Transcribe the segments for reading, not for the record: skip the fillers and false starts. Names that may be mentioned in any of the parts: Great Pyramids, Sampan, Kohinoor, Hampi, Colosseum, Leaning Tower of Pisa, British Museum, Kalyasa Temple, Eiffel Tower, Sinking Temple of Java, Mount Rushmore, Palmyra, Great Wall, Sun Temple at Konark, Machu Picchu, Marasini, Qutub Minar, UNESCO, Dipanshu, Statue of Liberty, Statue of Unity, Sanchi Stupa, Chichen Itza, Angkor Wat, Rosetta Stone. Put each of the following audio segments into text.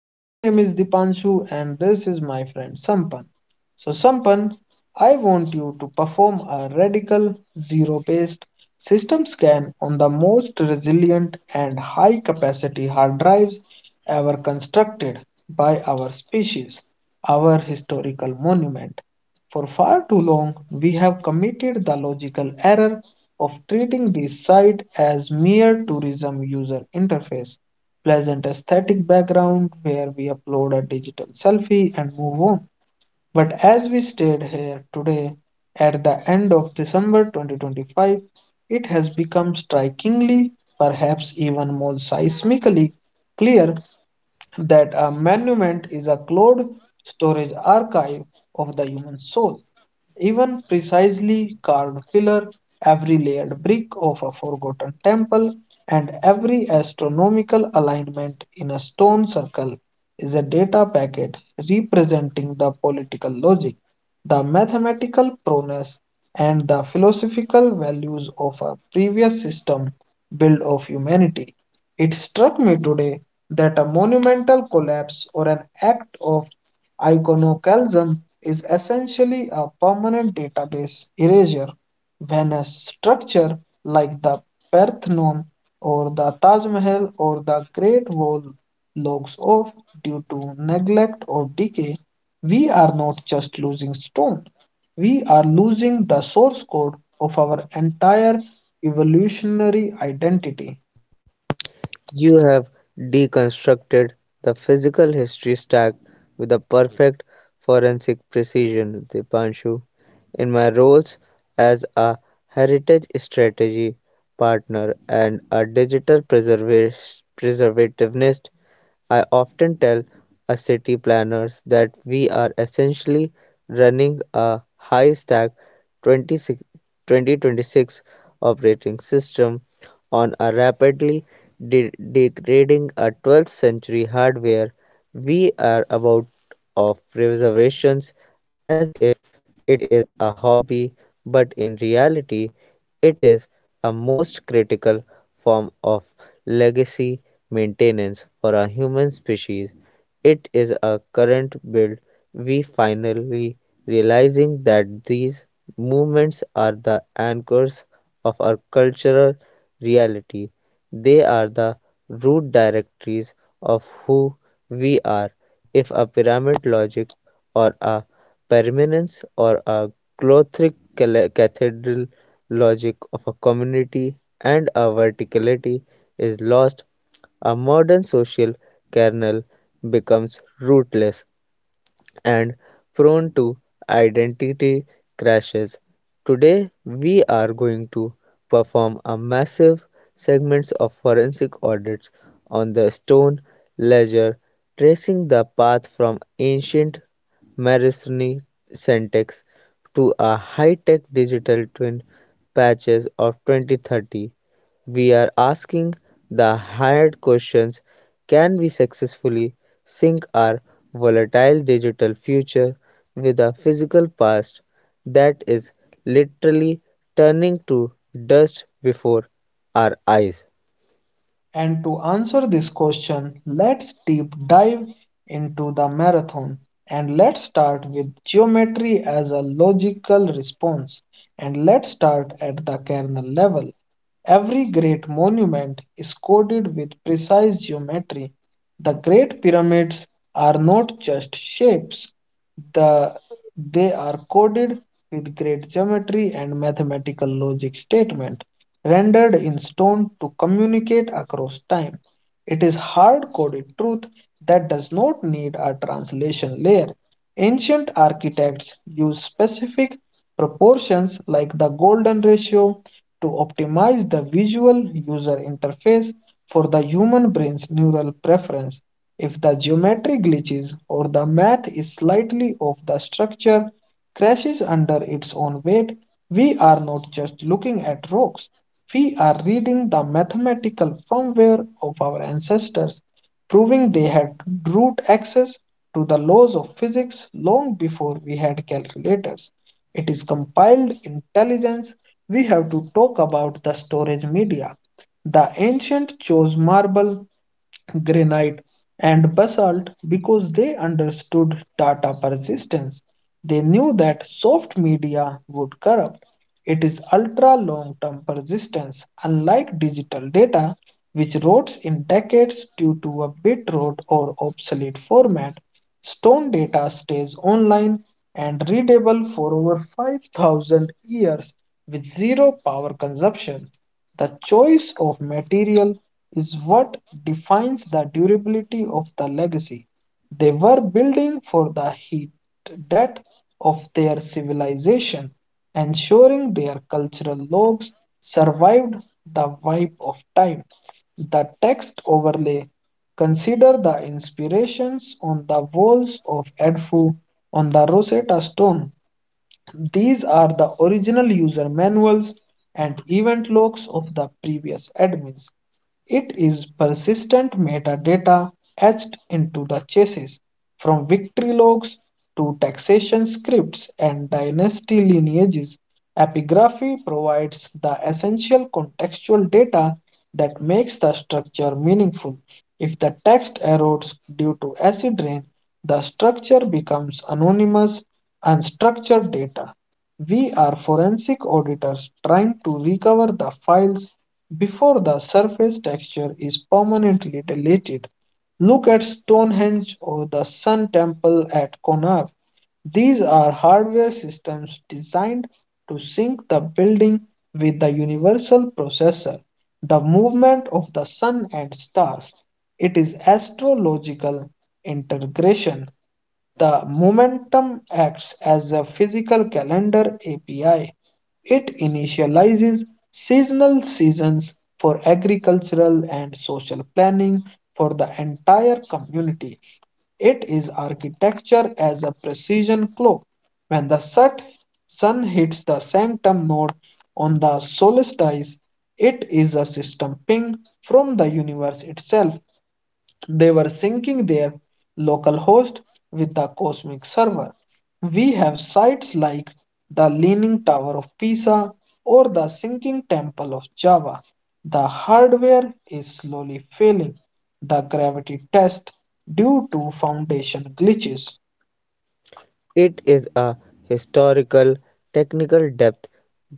My name is Dipanshu, and this is my friend Sampan. So, Sampan, I want you to perform a radical zero based system scan on the most resilient and high capacity hard drives ever constructed by our species, our historical monument. For far too long, we have committed the logical error of treating this site as mere tourism user interface, pleasant aesthetic background where we upload a digital selfie and move on. But as we stayed here today at the end of December 2025, it has become strikingly, perhaps even more seismically clear that a monument is a cloud storage archive of the human soul. Even precisely carved pillar, every layered brick of a forgotten temple, and every astronomical alignment in a stone circle is a data packet representing the political logic, the mathematical prowess, and the philosophical values of a previous system built of humanity. It struck me today that a monumental collapse or an act of iconoclasm is essentially a permanent database erasure. When a structure like the Parthenon or the Taj Mahal or the Great Wall logs off due to neglect or decay, we are not just losing stone, we are losing the source code of our entire evolutionary identity. You have deconstructed the physical history stack with a perfect forensic precision, Dipanshu. In my roles as a heritage strategy partner and a digital preservationist, I often tell a city planners that we are essentially running a high stack 2026 operating system on a rapidly degrading a 12th century hardware. We are about of reservations as if it is a hobby, but in reality, it is a most critical form of legacy maintenance for a human species. It is a current build we finally realizing that these movements are the anchors of our cultural reality. They are the root directories of who we are. If a pyramid logic or a permanence or a Gothic cathedral logic of a community and a verticality is lost, a modern social kernel becomes rootless and prone to identity crashes. Today, we are going to perform a massive segments of forensic audits on the stone ledger, tracing the path from ancient Marasini syntax to a high-tech digital twin patches of 2030. We are asking the hard questions: can we successfully sync our volatile digital future with a physical past that is literally turning to dust before our eyes? And to answer this question, let's deep dive into the marathon, and let's start with geometry as a logical response, and let's start at the kernel level. Every great monument is coded with precise geometry. The Great Pyramids are not just shapes, the, they are coded with great geometry and mathematical logic statement rendered in stone to communicate across time. It is hard-coded truth that does not need a translation layer. Ancient architects used specific proportions like the golden ratio to optimize the visual user interface for the human brain's neural preference. If the geometry glitches or the math is slightly off, the structure crashes under its own weight. We are not just looking at rocks, we are reading the mathematical firmware of our ancestors, proving they had root access to the laws of physics long before we had calculators. It is compiled intelligence. We have to talk about the storage media. The ancient chose marble, granite, and basalt because they understood data persistence. They knew that soft media would corrupt. It is ultra long term persistence, unlike digital data, which rots in decades due to a bit rot or obsolete format. Stone data stays online and readable for over 5,000 years with zero power consumption. The choice of material is what defines the durability of the legacy they were building for the heat death of their civilization, ensuring their cultural logs survived the wipe of time. The text overlay, consider the inspirations on the walls of Edfu, on the Rosetta Stone. These are the original user manuals and event logs of the previous admins. It is persistent metadata etched into the chassis, from victory logs to taxation scripts and dynasty lineages. Epigraphy provides the essential contextual data that makes the structure meaningful. If the text erodes due to acid rain, the structure becomes anonymous, unstructured data. We are forensic auditors trying to recover the files before the surface texture is permanently deleted. Look at Stonehenge or the Sun Temple at Konark. These are hardware systems designed to sync the building with the universal processor, the movement of the sun and stars. It is astrological integration. The momentum acts as a physical calendar API. It initializes seasonal seasons for agricultural and social planning for the entire community. It is architecture as a precision clock. When the sun hits the sanctum node on the solstice, it is a system ping from the universe itself. They were syncing their local host with the cosmic server. We have sites like the Leaning Tower of Pisa or the Sinking Temple of Java. The hardware is slowly failing the gravity test due to foundation glitches. It is a historical technical depth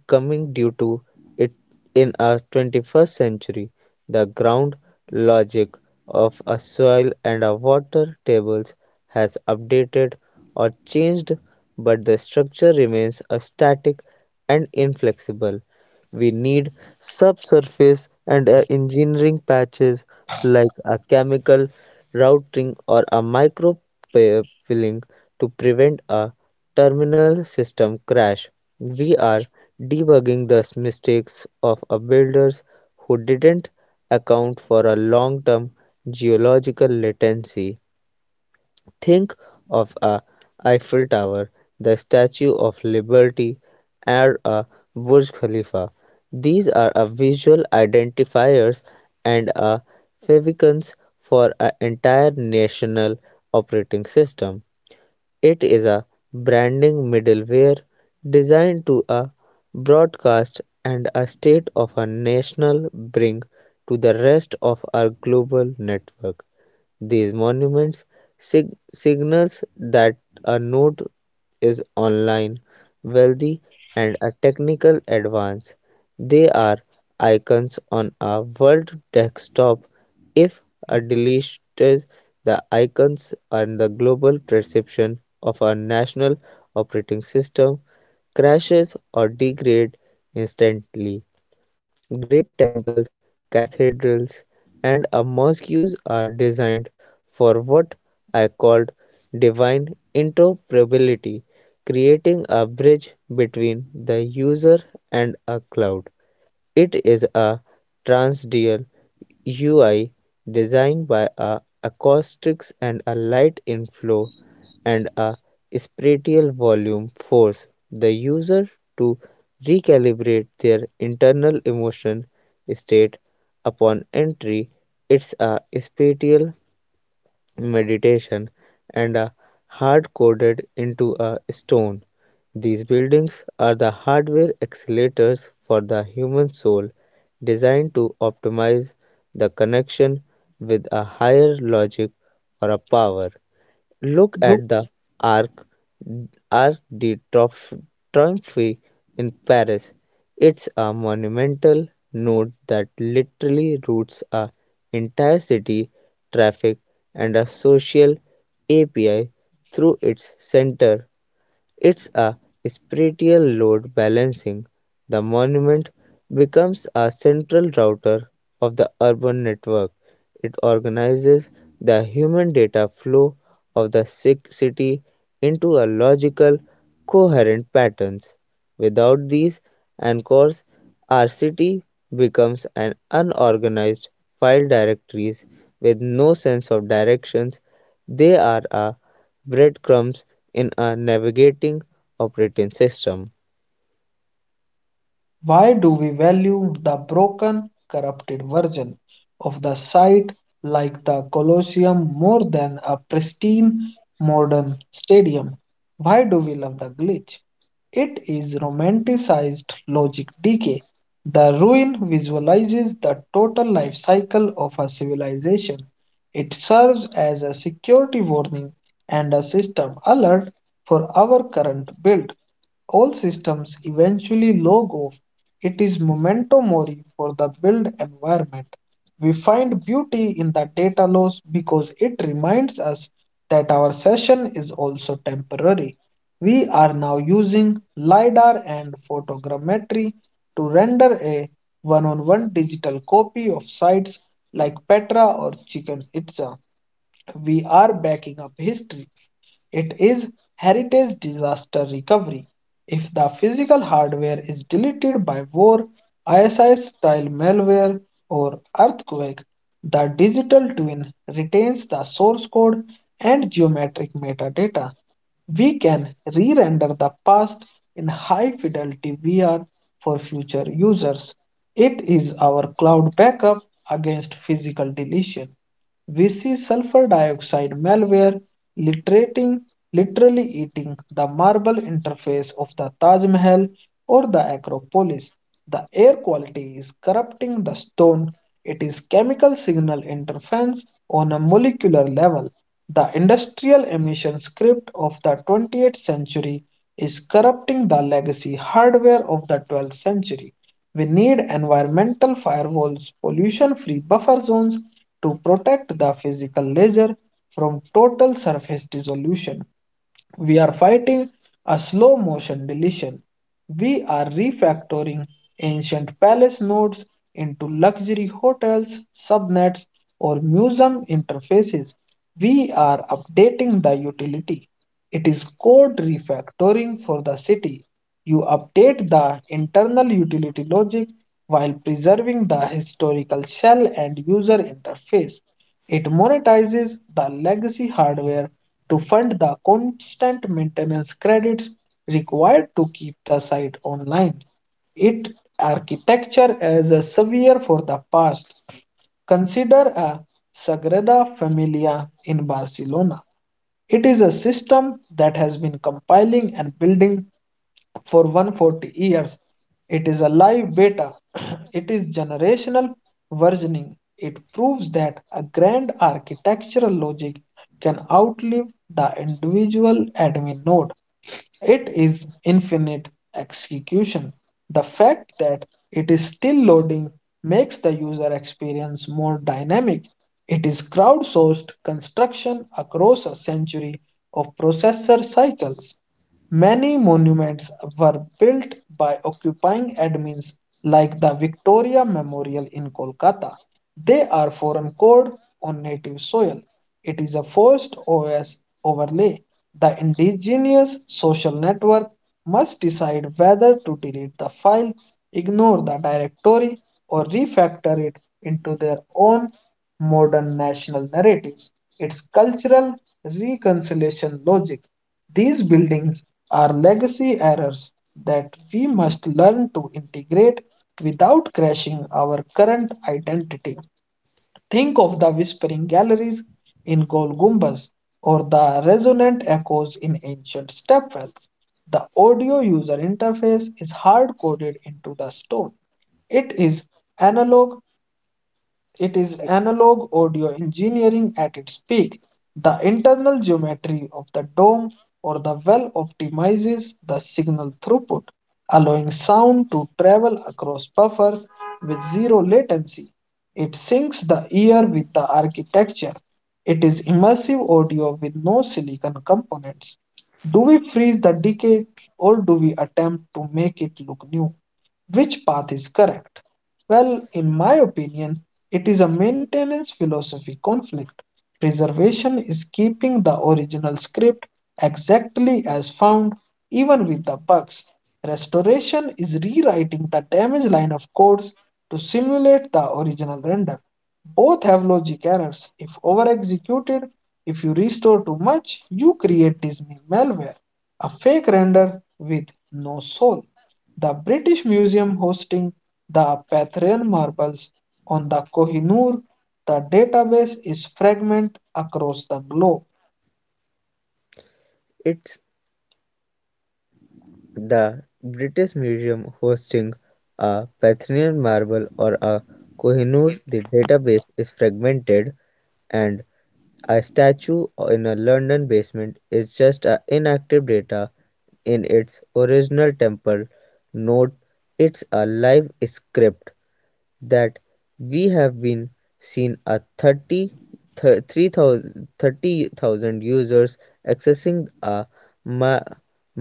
coming due to it in a 21st century. The ground logic of a soil and a water tables has updated or changed, but the structure remains a static and inflexible. We need subsurface and engineering patches like a chemical routing or a micro pilling to prevent a terminal system crash. We are debugging the mistakes of a builders who didn't account for a long-term geological latency. Think of a Eiffel Tower, the Statue of Liberty, or a Burj Khalifa. These are a visual identifiers and a favicons for an entire national operating system. It is a branding middleware designed to a broadcast and a state of a national bring to the rest of our global network. These monuments signals that a note is online, wealthy, and a technical advance. They are icons on a world desktop. If a deleted, the icons and the global perception of a national operating system crashes or degrade instantly. Great temples, cathedrals, and a mosques are designed for what I called divine interoperability, creating a bridge between the user and a cloud. It is a transdial UI designed by a acoustics and a light inflow and a spatial volume force the user to recalibrate their internal emotion state upon entry. It's a spatial meditation, and are hard coded into a stone. These buildings are the hardware accelerators for the human soul, designed to optimize the connection with a higher logic or a power. Look at the Arc Arc de Triomphe in Paris. It's a monumental node that literally routes a entire city, traffic, and a social API through its center. It's a spatial load balancing. The monument becomes a central router of the urban network. It organizes the human data flow of the sick city into a logical, coherent patterns. Without these anchors, our city becomes an unorganized file directories with no sense of directions. They are a breadcrumbs in a navigating operating system. Why do we value the broken, corrupted version of the site like the Colosseum more than a pristine modern stadium? Why do we love the glitch? It is romanticized logic decay. The ruin visualizes the total life cycle of a civilization. It serves as a security warning and a system alert for our current build. All systems eventually log off. It is memento mori for the build environment. We find beauty in the data loss because it reminds us that our session is also temporary. We are now using LiDAR and photogrammetry to render a one on one digital copy of sites like Petra or Chichen Itza. We are backing up history. It is heritage disaster recovery. If the physical hardware is deleted by war, ISI style malware, or earthquake, the digital twin retains the source code and geometric metadata. We can re-render the past in high fidelity VR for future users. It is our cloud backup against physical deletion. We see sulfur dioxide malware literating, literally eating the marble interface of the Taj Mahal or the Acropolis. The air quality is corrupting the stone. It is chemical signal interference on a molecular level. The industrial emission script of the 20th century is corrupting the legacy hardware of the 12th century. We need environmental firewalls, pollution free buffer zones to protect the physical ledger from total surface dissolution. We are fighting a slow motion deletion. We are refactoring ancient palace nodes into luxury hotels, subnets, or museum interfaces. We are updating the utility. It is code refactoring for the city. You update the internal utility logic while preserving the historical shell and user interface. It monetizes the legacy hardware to fund the constant maintenance credits required to keep the site online. Its architecture is a severe for the past. Consider a Sagrada Familia in Barcelona. It is a system that has been compiling and building for 140 years. It is a live beta. It is generational versioning. It proves that a grand architectural logic can outlive the individual admin node. It is infinite execution. The fact that it is still loading makes the user experience more dynamic. It is crowdsourced construction across a century of processor cycles. Many monuments were built by occupying admins, like the Victoria Memorial in Kolkata. They are foreign code on native soil. It is a forced OS overlay. The indigenous social network must decide whether to delete the file, ignore the directory, or refactor it into their own modern national narratives. It's cultural reconciliation logic. These buildings are legacy errors that we must learn to integrate without crashing our current identity. Think of the whispering galleries in Gol Gumbaz or the resonant echoes in ancient stepwells. The audio user interface is hard coded into the stone. It is analog analog audio engineering at its peak. The internal geometry of the dome or the well optimizes the signal throughput, allowing sound to travel across buffers with zero latency. It syncs the ear with the architecture. It is immersive audio with no silicon components. Do we freeze the decay or do we attempt to make it look new? Which path is correct? Well, in my opinion, it is a maintenance philosophy conflict. Preservation is keeping the original script exactly as found, even with the bugs. Restoration is rewriting the damaged line of codes to simulate the original render. Both have logic errors. If over executed, if you restore too much, you create Disney malware, a fake render with no soul, the British Museum hosting the Patharan marbles on the Kohinoor. The database is fragmented across the globe. It's the British Museum hosting a Parthian marble or a Kohinoor. The database is fragmented, and a statue in a London basement is just a inactive data in its original temple. Note, it's a live script that we have been seen a 30 30,000 users accessing a ma-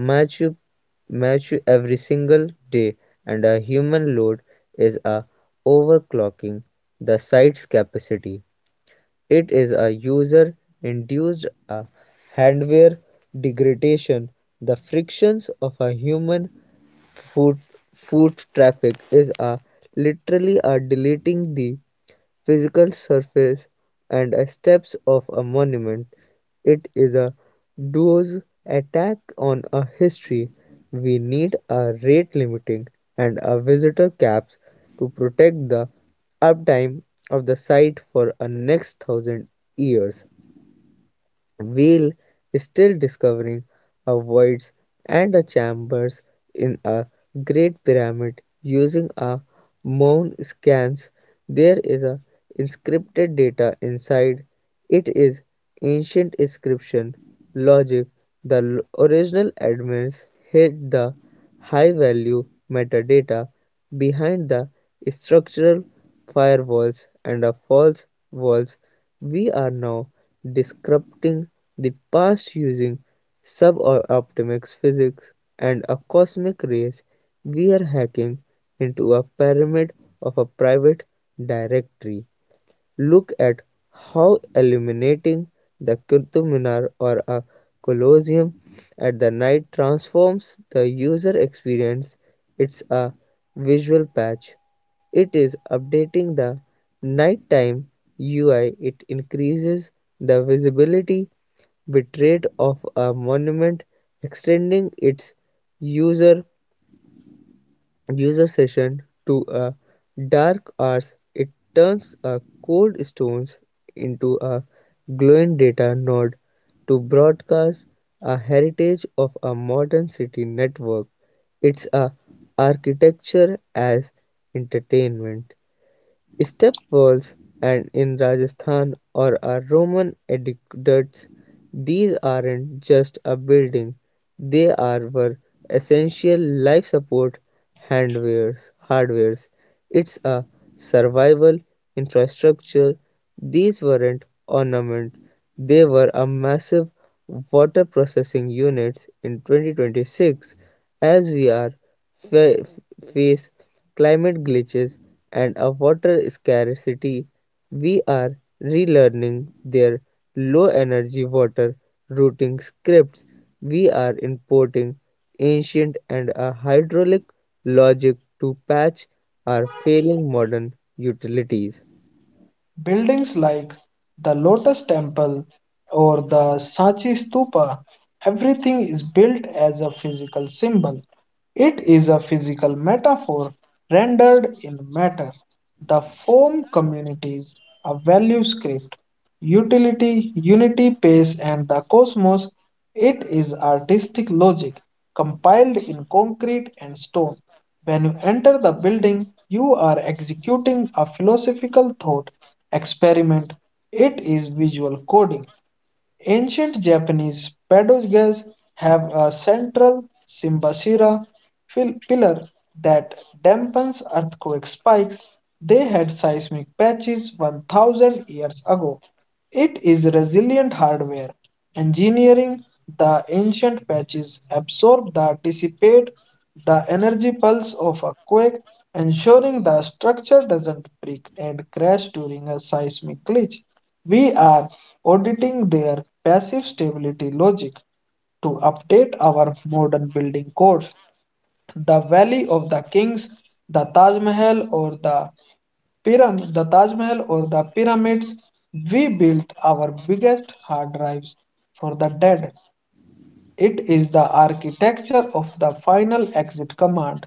Machu Machu every single day, and a human load is a overclocking the site's capacity. It is a user induced a hardware degradation, the frictions of a human Food, food traffic is a literally are deleting the physical surface and a steps of a monument. It is a duo's attack on a history. We need a rate limiting and a visitor caps to protect the uptime of the site for a next thousand years. Whale is still discovering a voids and a chambers in a great pyramid using a moon scans. There is a inscripted data inside. It is ancient inscription logic. The original admins hid the high value metadata behind the structural firewalls and a false walls. We are now descripting the past using suboptimal physics and a cosmic race. We are hacking into a pyramid of a private directory. Look at how illuminating the Qutub Minar or a Colosseum at the night transforms the user experience. It's a visual patch. It is updating the nighttime UI. It increases the visibility bitrate of a monument, extending its user user session to a dark arts. It turns a cold stones into a glowing data node to broadcast a heritage of a modern city network. It's a architecture as entertainment. Step walls and in Rajasthan or our Roman aqueducts, these aren't just a building, they are were essential life support handwares hardwares. It's a survival infrastructure. These weren't ornament, they were a massive water processing units in 2026. As we are fa- face climate glitches and a water scarcity, we are relearning their low energy water routing scripts. We are importing ancient and a hydraulic logic to patch our failing modern utilities. Buildings like the Lotus Temple or the Sanchi Stupa, everything is built as a physical symbol. It is a physical metaphor rendered in matter. The form communities a value script, utility, unity, pace, and the cosmos. It is artistic logic compiled in concrete and stone. When you enter the building, you are executing a philosophical thought experiment. It is visual coding. Ancient Japanese pagodas have a central Simbasira pillar that dampens earthquake spikes. They had seismic patches 1000 years ago. It is resilient hardware. Engineering the ancient patches absorb the dissipate the energy pulse of a quake, ensuring the structure doesn't break and crash during a seismic glitch. We are auditing their passive stability logic to update our modern building codes. The Valley of the Kings, the Taj Mahal, the Taj Mahal or the pyramids, we built our biggest hard drives for the dead. It is the architecture of the final exit command.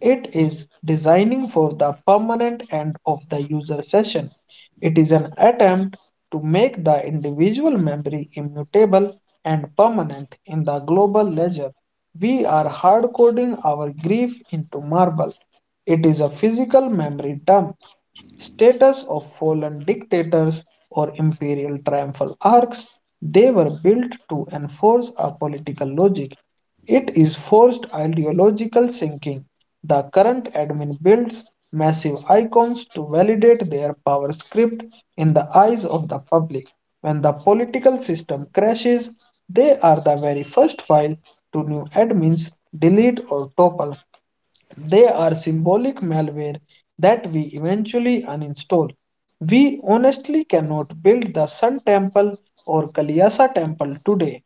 It is designing for the permanent end of the user session. It is an attempt to make the individual memory immutable and permanent in the global ledger. We are hard coding our grief into marble. It is a physical memory dump status of fallen dictators or imperial triumphal arcs. They were built to enforce a political logic. It is forced ideological thinking. The current admin builds massive icons to validate their power script in the eyes of the public. When the political system crashes, they are the very first file to new admins delete or topple. They are symbolic malware that we eventually uninstall. We honestly cannot build the Sun Temple or Kalyasa Temple today.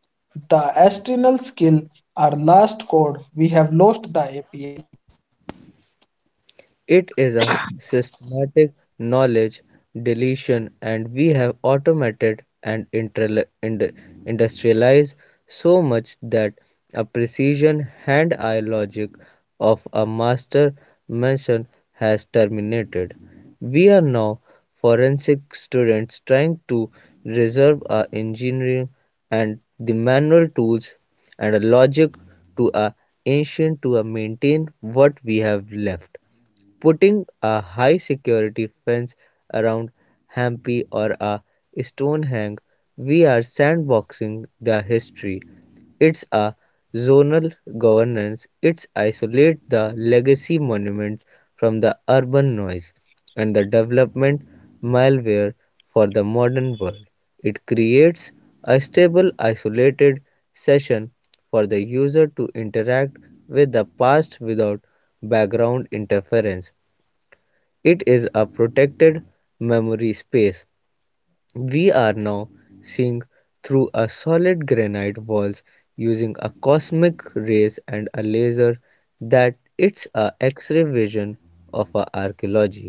The astrinal skill, our last code, we have lost the API. It is a systematic knowledge deletion, and we have automated and industrialized so much that a precision hand-eye logic of a master mansion has terminated. We are now forensic students trying to reserve our engineering and the manual tools and a logic to our ancient to maintain what we have left. Putting a high security fence around Hampi or a Stonehenge, we are sandboxing the history. It's a zonal governance. It's isolate the legacy monuments from the urban noise and the development malware for the modern world. It creates a stable, isolated session for the user to interact with the past without background interference. It is a protected memory space. We are now seeing through a solid granite walls using a cosmic rays and a laser that it's a X-ray vision of a archaeology.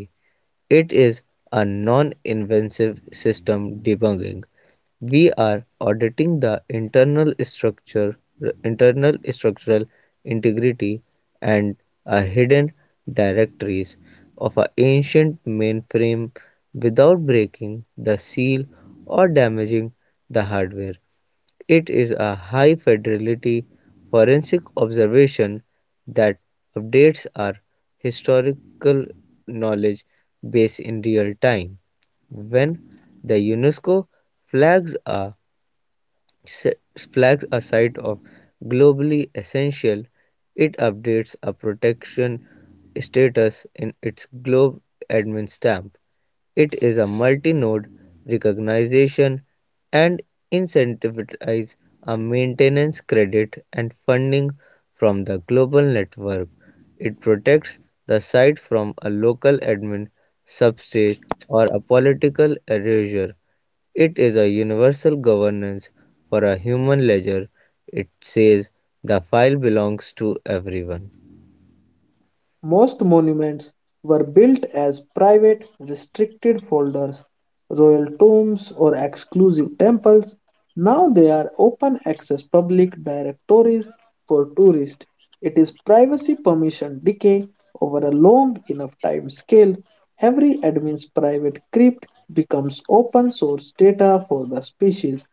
It is a non-invasive system debugging. We are auditing the internal structural integrity, and a hidden directories of an ancient mainframe without breaking the seal or damaging the hardware. It is a high fidelity forensic observation that updates our historical knowledge base in real time. When the UNESCO flags a flags a site of globally essential, it updates a protection status in its globe admin stamp. It is a multi-node recognition and incentivizes a maintenance credit and funding from the global network. It protects the site from a local admin subsidy or a political erasure. It is a universal governance for a human ledger. It says the file belongs to everyone. Most monuments were built as private, restricted folders, royal tombs, or exclusive temples. Now they are open access public directories for tourists. It is privacy permission decay over a long enough time scale. Every admin's private crypt becomes open source data for the species.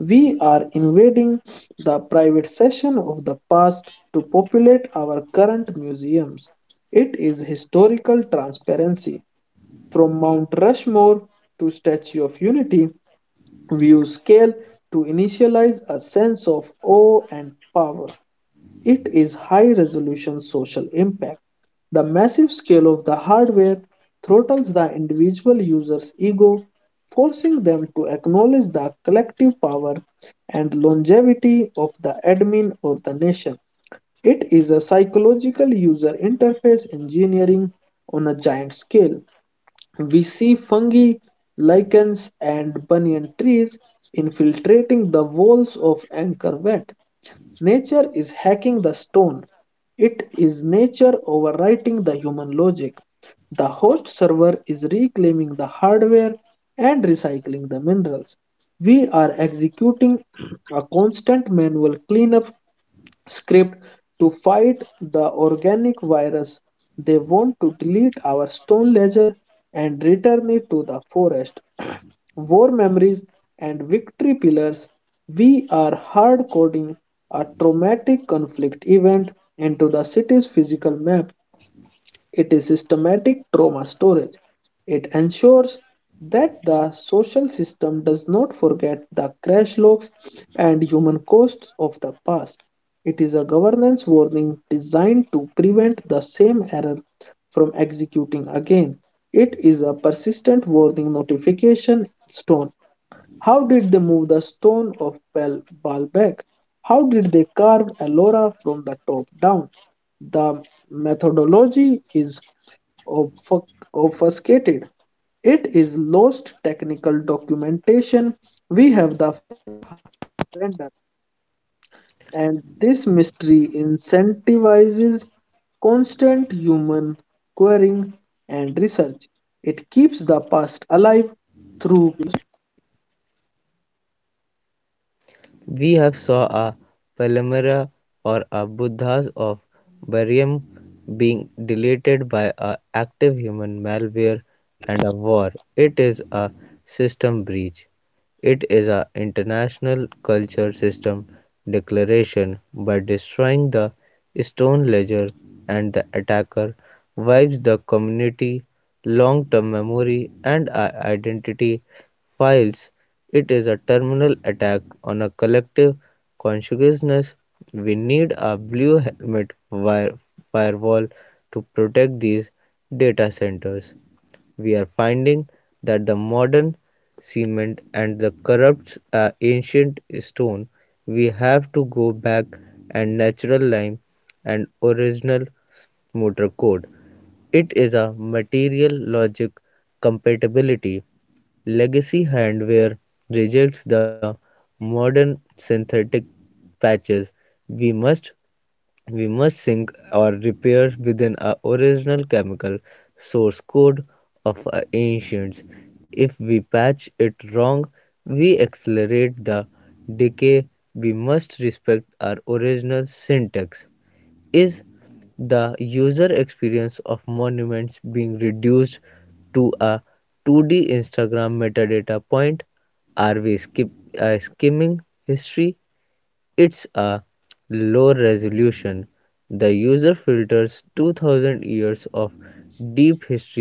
We are invading the private session of the past to populate our current museums. It is historical transparency. From Mount Rushmore to Statue of Unity, view scale to initialize a sense of awe and power. It is high resolution social impact. The massive scale of the hardware throttles the individual user's ego, forcing them to acknowledge the collective power and longevity of the admin or the nation. It is a psychological user interface engineering on a giant scale. We see fungi, lichens, and banyan trees infiltrating the walls of Angkor Wat. Nature is hacking the stone. It is nature overwriting the human logic. The host server is reclaiming the hardware and recycling the minerals. We are executing a constant manual cleanup script to fight the organic virus. They want to delete our stone ledger and return it to the forest. War memories, and victory pillars, we are hard coding a traumatic conflict event into the city's physical map. It is systematic trauma storage. It ensures that the social system does not forget the crash logs and human costs of the past. It is a governance warning designed to prevent the same error from executing again. It is a persistent warning notification stone. How did they move the stone of Baalbek? How did they carve Ellora from the top down? The methodology is obfuc- obfuscated. It is lost technical documentation. We have the render, and this mystery incentivizes constant human querying and research. It keeps the past alive through We have saw a Palmyra or a Buddha's of Barium being deleted by a active human malware and a war. It is a system breach. It is a international culture system declaration by destroying the stone ledger, and the attacker wipes the community long-term memory and identity files. It is a terminal attack on a collective consciousness. We need a blue helmet wire firewall to protect these data centers. We are finding that the modern cement and the corrupts ancient stone. We have to go back and natural lime and original motor code. It is a material logic compatibility. Legacy hardware rejects the modern synthetic patches. We must we must sync or repair within our original chemical source code of our ancients. If we patch it wrong, we accelerate the decay. We must respect our original syntax. Is the user experience of monuments being reduced to a 2D Instagram metadata point? Are we skimming history? It's a low resolution. The user filters 2000 years of deep history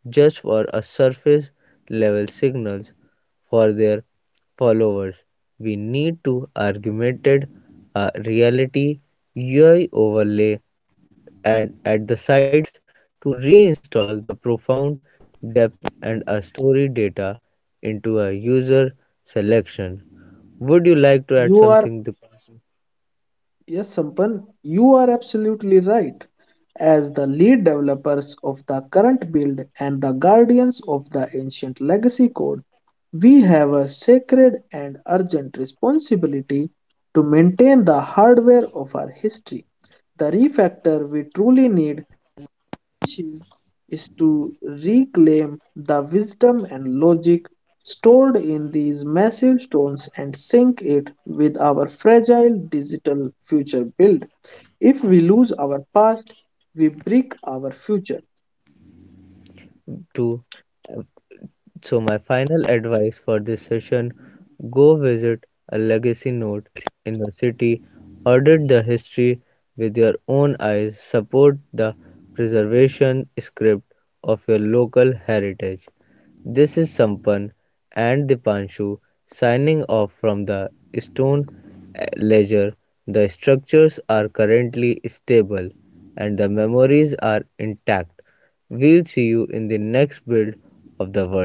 just for a surface level signals for their followers. We need to augment a reality UI overlay and at the sites to reinstall the profound depth and a story data into a user selection. Would you like to add something, your Dipanshu, Yes, Sampan, you are absolutely right. As the lead developers of the current build and the guardians of the ancient legacy code, we have a sacred and urgent responsibility to maintain the hardware of our history. The refactor we truly need is, is to reclaim the wisdom and logic stored in these massive stones and sync it with our fragile digital future build. If we lose our past, we break our future. to So, my final advice for this session: go visit a legacy node in your city, audit the history with your own eyes, support the preservation script of your local heritage. This is Sampan and Dipanshu signing off from the stone ledger. The structures are currently stable and the memories are intact. We'll see you in the next build of the world.